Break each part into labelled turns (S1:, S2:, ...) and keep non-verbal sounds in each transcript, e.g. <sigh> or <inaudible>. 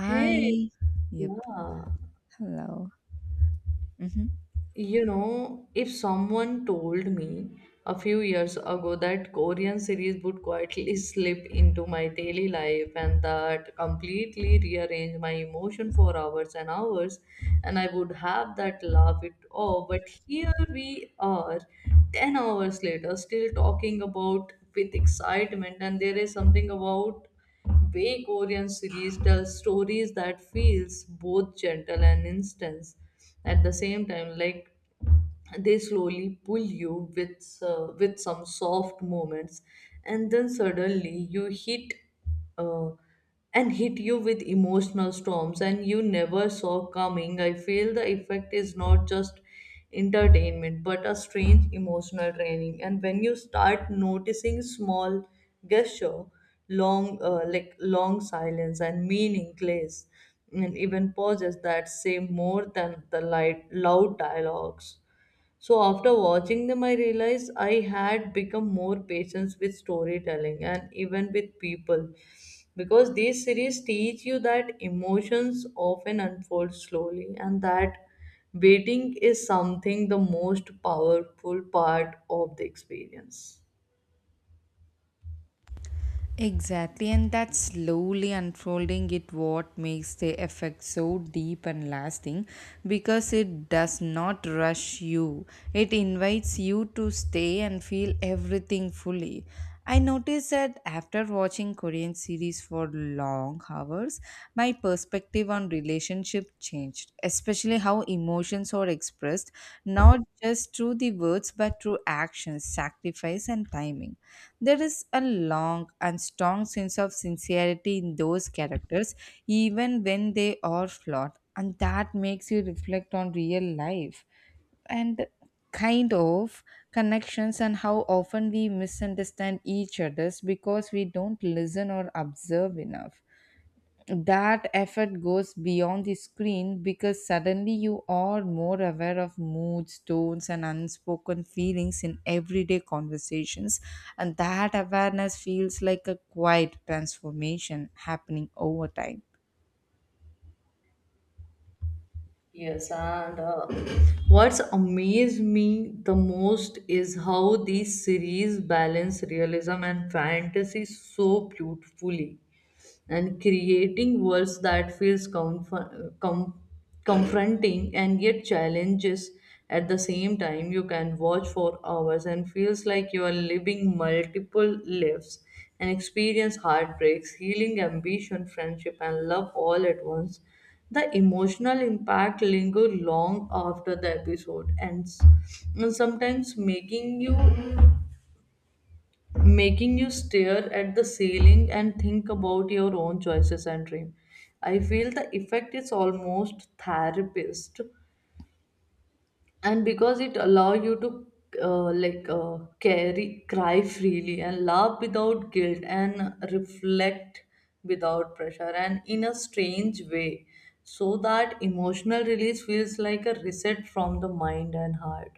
S1: Hey,
S2: Yep.
S1: yeah.
S2: Hello. Hmm.
S1: You know, if someone told me a few years ago that Korean series would quietly <laughs> slip into my daily life and that completely rearrange my emotion for hours and hours, and I would have that laugh it off. But here we are, 10 hours later, still talking about with excitement, and there is something about Bay Korean series tells stories that feels both gentle and intense at the same time. Like they slowly pull you with with some soft movements and then suddenly you hit uh, and hit you with emotional storms and you never saw coming. I feel the effect is not just entertainment but a strange emotional training, and when you start noticing small gesture, long like long silence and meaningless and even pauses that say more than the light loud dialogues. So after watching them, I realized I had become more patient with storytelling and even with people, because these series teach you that emotions often unfold slowly and that waiting is something the most powerful part of the experience.
S2: Exactly. And that slowly unfolding it what makes the effect so deep and lasting because it does not rush you. It invites you to stay and feel everything fully. I noticed that after watching Korean series for long hours, my perspective on relationship changed, especially how emotions are expressed, not just through the words but through actions, sacrifice, and timing. There is a long and strong sense of sincerity in those characters, even when they are flawed, and that makes you reflect on real life and kind of connections, and how often we misunderstand each others because we don't listen or observe enough. That effort goes beyond the screen because suddenly you are more aware of moods, tones, and unspoken feelings in everyday conversations, and that awareness feels like a quiet transformation happening over time.
S1: Yes, and what's amazed me the most is how these series balance realism and fantasy so beautifully and creating worlds that feels confronting and yet challenges at the same time. You can watch for hours and feels like you are living multiple lives and experience heartbreaks, healing, ambition, friendship, and love all at once. The emotional impact linger long after the episode ends, and sometimes making you stare at the ceiling and think about your own choices and dream. I feel the effect is almost therapist, and because it allow you to carry cry freely and laugh without guilt and reflect without pressure, and in a strange way, so that emotional release feels like a reset from the mind and heart.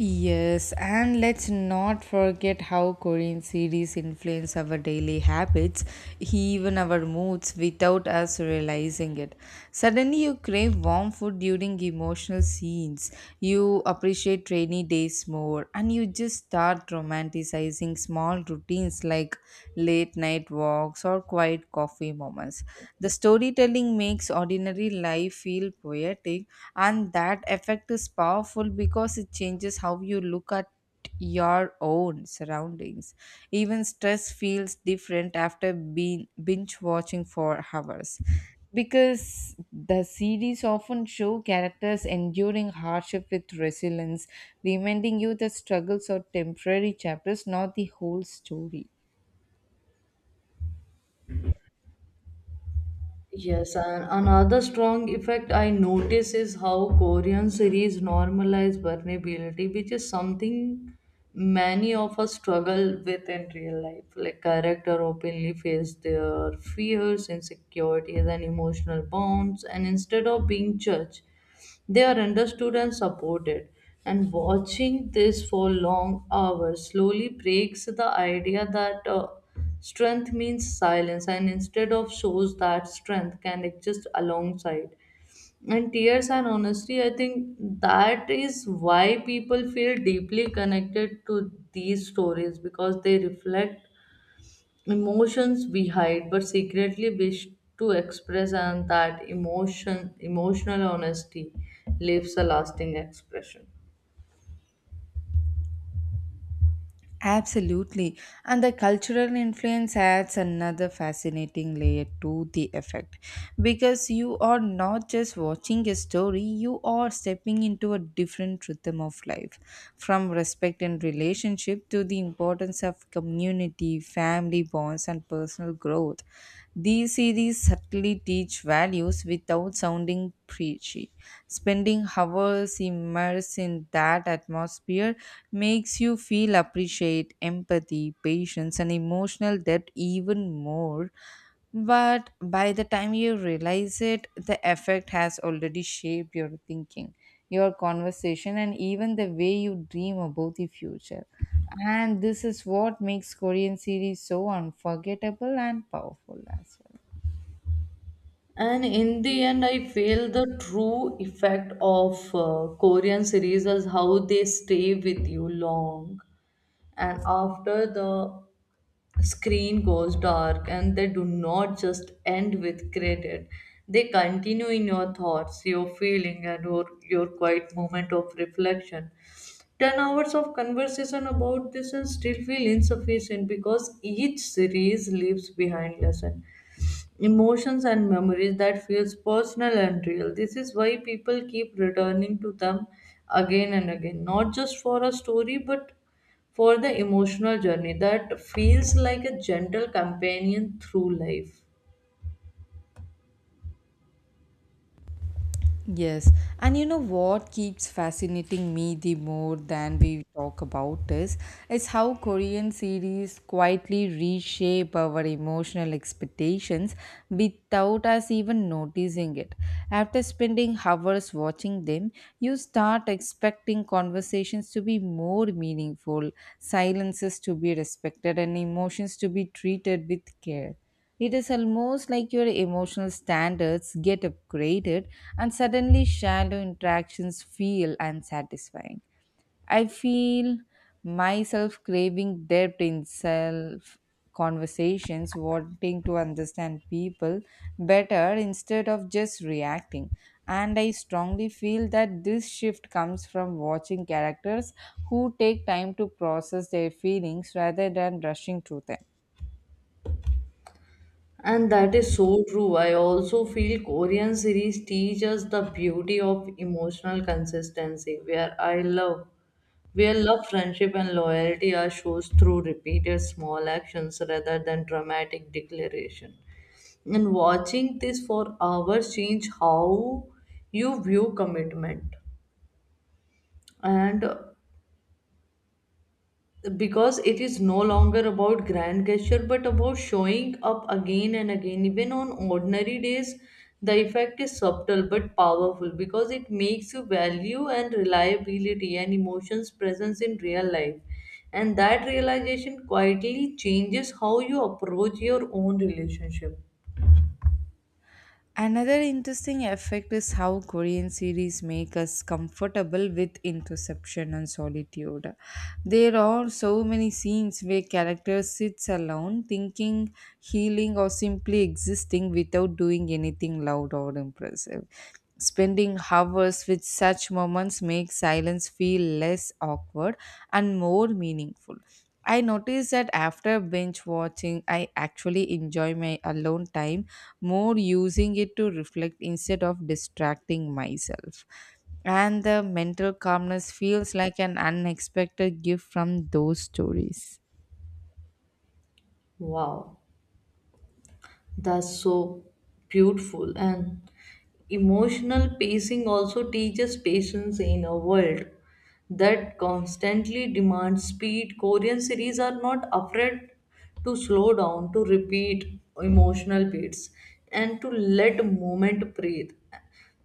S2: Yes, and let's not forget how Korean series influence our daily habits, even our moods, without us realizing it. Suddenly, you crave warm food during emotional scenes, you appreciate rainy days more, and you just start romanticizing small routines like late night walks or quiet coffee moments. The storytelling makes ordinary life feel poetic, and that effect is powerful because it changes how you look at your own surroundings. Even stress feels different after being binge watching for hours, because the series often show characters enduring hardship with resilience, reminding you that struggles are temporary chapters, not the whole story.
S1: Yes, and another strong effect I notice is how Korean series normalize vulnerability, which is something many of us struggle with in real life. Like character openly face their fears, insecurities, and emotional bonds, and instead of being judged. They are understood and supported. And watching this for long hours slowly breaks the idea that strength means silence, and instead of shows that strength can exist alongside. And tears and honesty, I think that is why people feel deeply connected to these stories, because they reflect emotions we hide but secretly wish to express. And that emotional honesty leaves a lasting expression.
S2: Absolutely. And the cultural influence adds another fascinating layer to the effect, because you are not just watching a story, you are stepping into a different rhythm of life, from respect and relationship to the importance of community, family bonds, and personal growth. These series subtly teach values without sounding preachy. Spending hours immersed in that atmosphere makes you feel appreciate empathy, patience, and emotional depth even more. But by the time you realize it, the effect has already shaped your thinking, your conversation, and even the way you dream about the future. And this is what makes Korean series so unforgettable and powerful as well.
S1: And in the end, I feel the true effect of Korean series is how they stay with you long and after the screen goes dark, and they do not just end with credit. They continue in your thoughts, your feeling, and your quiet moment of reflection. 10 hours of conversation about this and still feel insufficient, because each series leaves behind lesson, emotions, and memories that feels personal and real. This is why people keep returning to them again and again, not just for a story but for the emotional journey that feels like a gentle companion through life.
S2: Yes, and you know what keeps fascinating me the more than we talk about is how Korean series quietly reshape our emotional expectations without us even noticing it. After spending hours watching them, you start expecting conversations to be more meaningful, silences to be respected, and emotions to be treated with care. It is almost like your emotional standards get upgraded, and suddenly shallow interactions feel unsatisfying. I feel myself craving depth in self conversations, wanting to understand people better instead of just reacting. And I strongly feel that this shift comes from watching characters who take time to process their feelings rather than rushing through them.
S1: And that is so true. I also feel Korean series teach us the beauty of emotional consistency, where love, friendship, and loyalty are shows through repeated small actions rather than dramatic declaration. And watching this for hours change how you view commitment. And because it is no longer about grand gesture but about showing up again and again even on ordinary days, the effect is subtle but powerful, because it makes you value and reliability and emotions presence in real life, and that realization quietly changes how you approach your own relationship.
S2: Another interesting effect is how Korean series make us comfortable with introspection and solitude. There are so many scenes where characters sits alone, thinking, healing, or simply existing without doing anything loud or impressive. Spending hours with such moments makes silence feel less awkward and more meaningful. I noticed that after binge watching, I actually enjoy my alone time more, using it to reflect instead of distracting myself. And the mental calmness feels like an unexpected gift from those stories.
S1: Wow, that's so beautiful. And emotional pacing also teaches patience in a world that constantly demand speed. Korean series are not afraid to slow down, to repeat emotional beats, and to let moment breathe.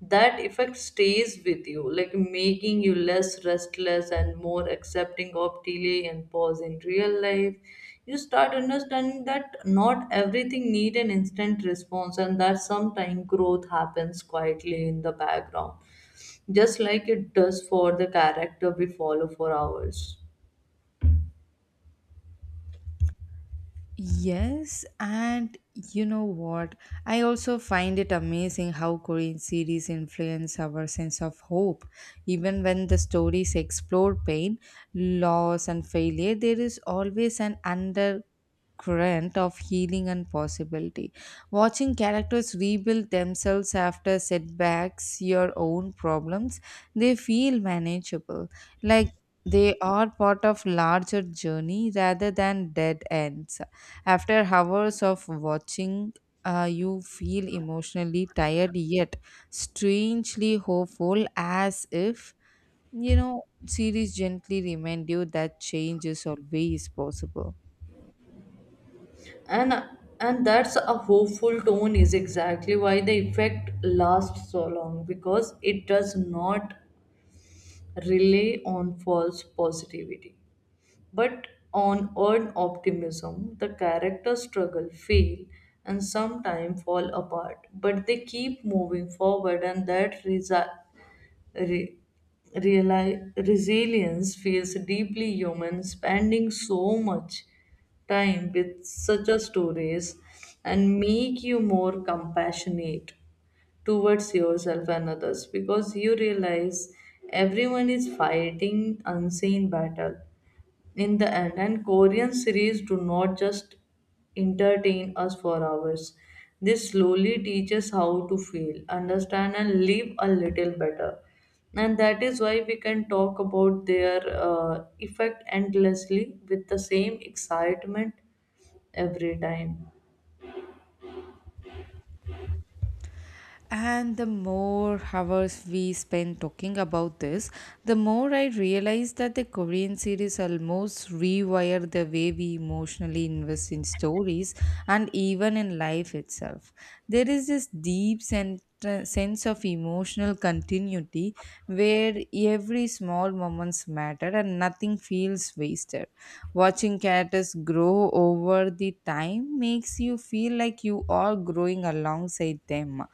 S1: That effect stays with you, like making you less restless and more accepting of delay and pause in real life. You start understanding that not everything need an instant response, and that sometimes growth happens quietly in the background, just like it does for the character we follow for hours.
S2: Yes, and you know what? I also find it amazing how Korean series influence our sense of hope. Even when the stories explore pain, loss, and failure, there is always an under current of healing and possibility. Watching characters rebuild themselves after setbacks, your own problems, they feel manageable. Like they are part of larger journey rather than dead ends. After hours of watching, you feel emotionally tired yet strangely hopeful, as if you know series gently remind you that change is always possible.
S1: And and that's a hopeful tone is exactly why the effect lasts so long, because it does not rely on false positivity but on earned optimism. The characters struggle, fail, and sometimes fall apart, but they keep moving forward, and that re- resilience feels deeply human. Spending so much time with such a stories and make you more compassionate towards yourself and others, because you realize everyone is fighting unseen battle. In the end, And Korean series do not just entertain us for hours, they slowly teach us how to feel, understand, and live a little better. And that is why we can talk about their effect endlessly with the same excitement every time.
S2: And the more hours we spend talking about this, the more I realize that the Korean series almost rewire the way we emotionally invest in stories and even in life itself. There is this deep sense of emotional continuity where every small moments matter and nothing feels wasted. Watching characters grow over the time makes you feel like you are growing alongside them,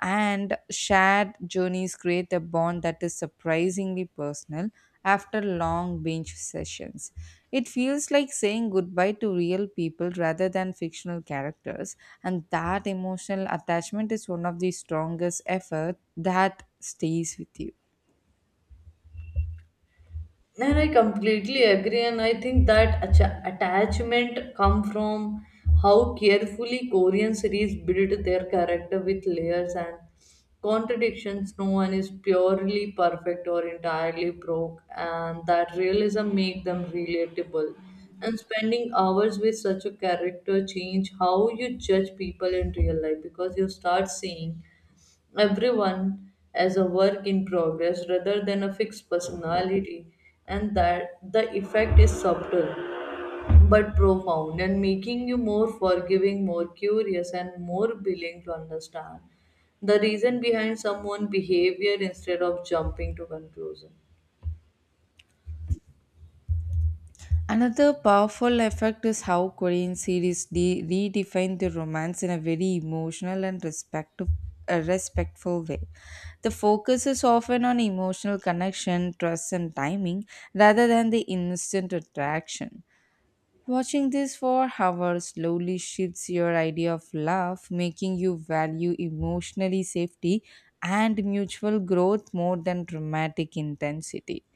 S2: and shared journeys create a bond that is surprisingly personal after long bench sessions. It feels like saying goodbye to real people rather than fictional characters, and that emotional attachment is one of the strongest effort that stays with you.
S1: And I completely agree, and I think that attachment come from how carefully Korean series build their character with layers and contradictions. No one is purely perfect or entirely broke, and that realism make them relatable, and spending hours with such a character change how you judge people in real life, because you start seeing everyone as a work in progress rather than a fixed personality. And that the effect is subtle but profound, and making you more forgiving, more curious, and more willing to understand the reason behind someone's behavior instead of jumping to conclusion.
S2: Another powerful effect is how Korean series redefine the romance in a very emotional and respectful way. The focus is often on emotional connection, trust, and timing rather than the instant attraction. Watching this for hours slowly shifts your idea of love, making you value emotionally safety and mutual growth more than dramatic intensity.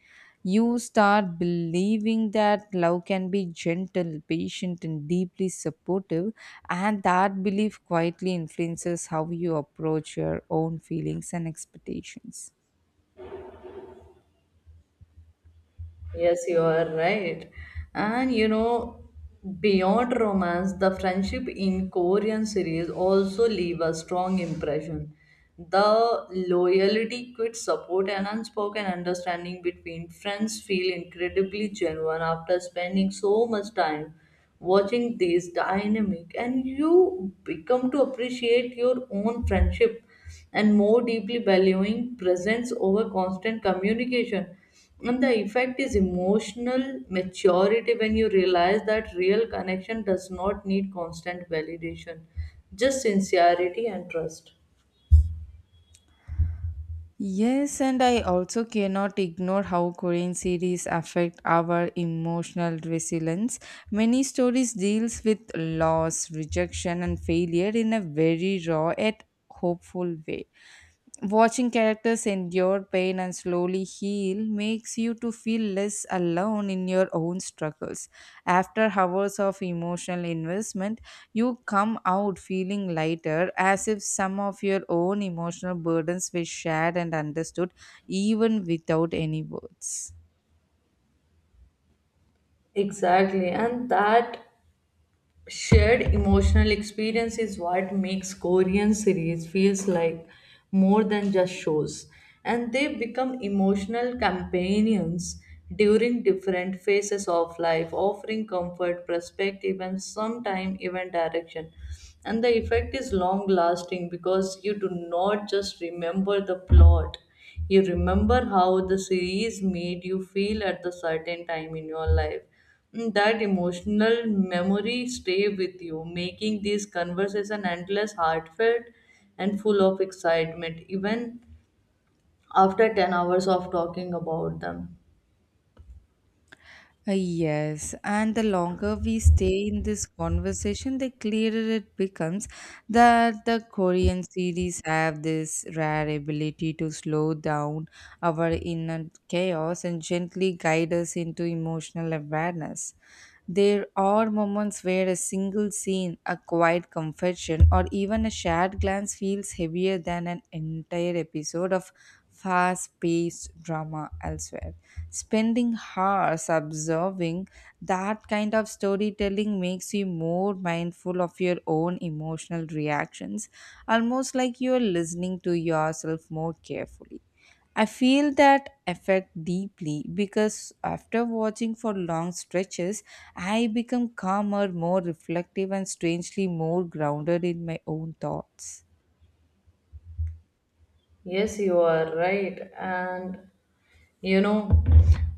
S2: You start believing that love can be gentle, patient, and deeply supportive, and that belief quietly influences how you approach your own feelings and expectations.
S1: Yes, you are right. And you know, beyond romance, the friendship in Korean series also leave a strong impression. The loyalty, quick support, and unspoken understanding between friends feel incredibly genuine. After spending so much time watching these dynamic, and you become to appreciate your own friendship and more deeply valuing presence over constant communication, and the effect is emotional maturity when you realize that real connection does not need constant validation, just sincerity and trust.
S2: Yes, and I also cannot ignore how Korean series affect our emotional resilience. Many stories deals with loss, rejection, and failure in a very raw yet hopeful way. Watching characters endure pain and slowly heal makes you to feel less alone in your own struggles. After hours of emotional investment, you come out feeling lighter, as if some of your own emotional burdens were shared and understood even without any words.
S1: Exactly, and that shared emotional experience is what makes Korean series feels like more than just shows, and they become emotional companions during different phases of life, offering comfort, perspective, and sometimes even direction. And the effect is long lasting, because you do not just remember the plot, you remember how the series made you feel at the certain time in your life. Mm, that emotional memory stay with you, making this conversation endless, heartfelt, and full of excitement, even after 10 hours of talking about them.
S2: Yes, and the longer we stay in this conversation, the clearer it becomes that the Korean series have this rare ability to slow down our inner chaos and gently guide us into emotional awareness. There are moments where a single scene, a quiet confession, or even a shared glance feels heavier than an entire episode of fast paced drama elsewhere. Spending hours observing that kind of storytelling makes you more mindful of your own emotional reactions, almost like you're listening to yourself more carefully. I feel that effect deeply because after watching for long stretches, I become calmer, more reflective, and strangely more grounded in my own thoughts.
S1: Yes, you are right. And you know,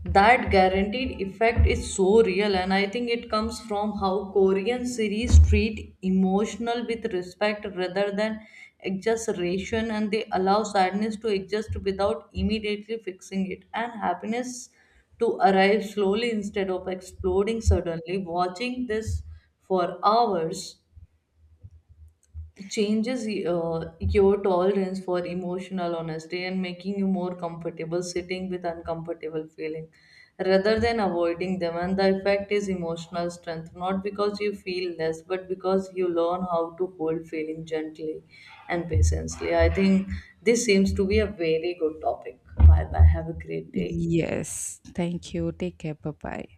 S1: that guaranteed effect is so real, and I think it comes from how Korean series treat emotional with respect rather than exaggeration, and they allow sadness to exist without immediately fixing it, and happiness to arrive slowly instead of exploding suddenly. Watching this for hours changes your tolerance for emotional honesty, and making you more comfortable sitting with uncomfortable feeling rather than avoiding them, and the effect is emotional strength, not because you feel less but because you learn how to hold feeling gently and patiently. I think this seems to be a very good topic. Bye bye, have a great day.
S2: Yes, thank you. Take care. Bye bye.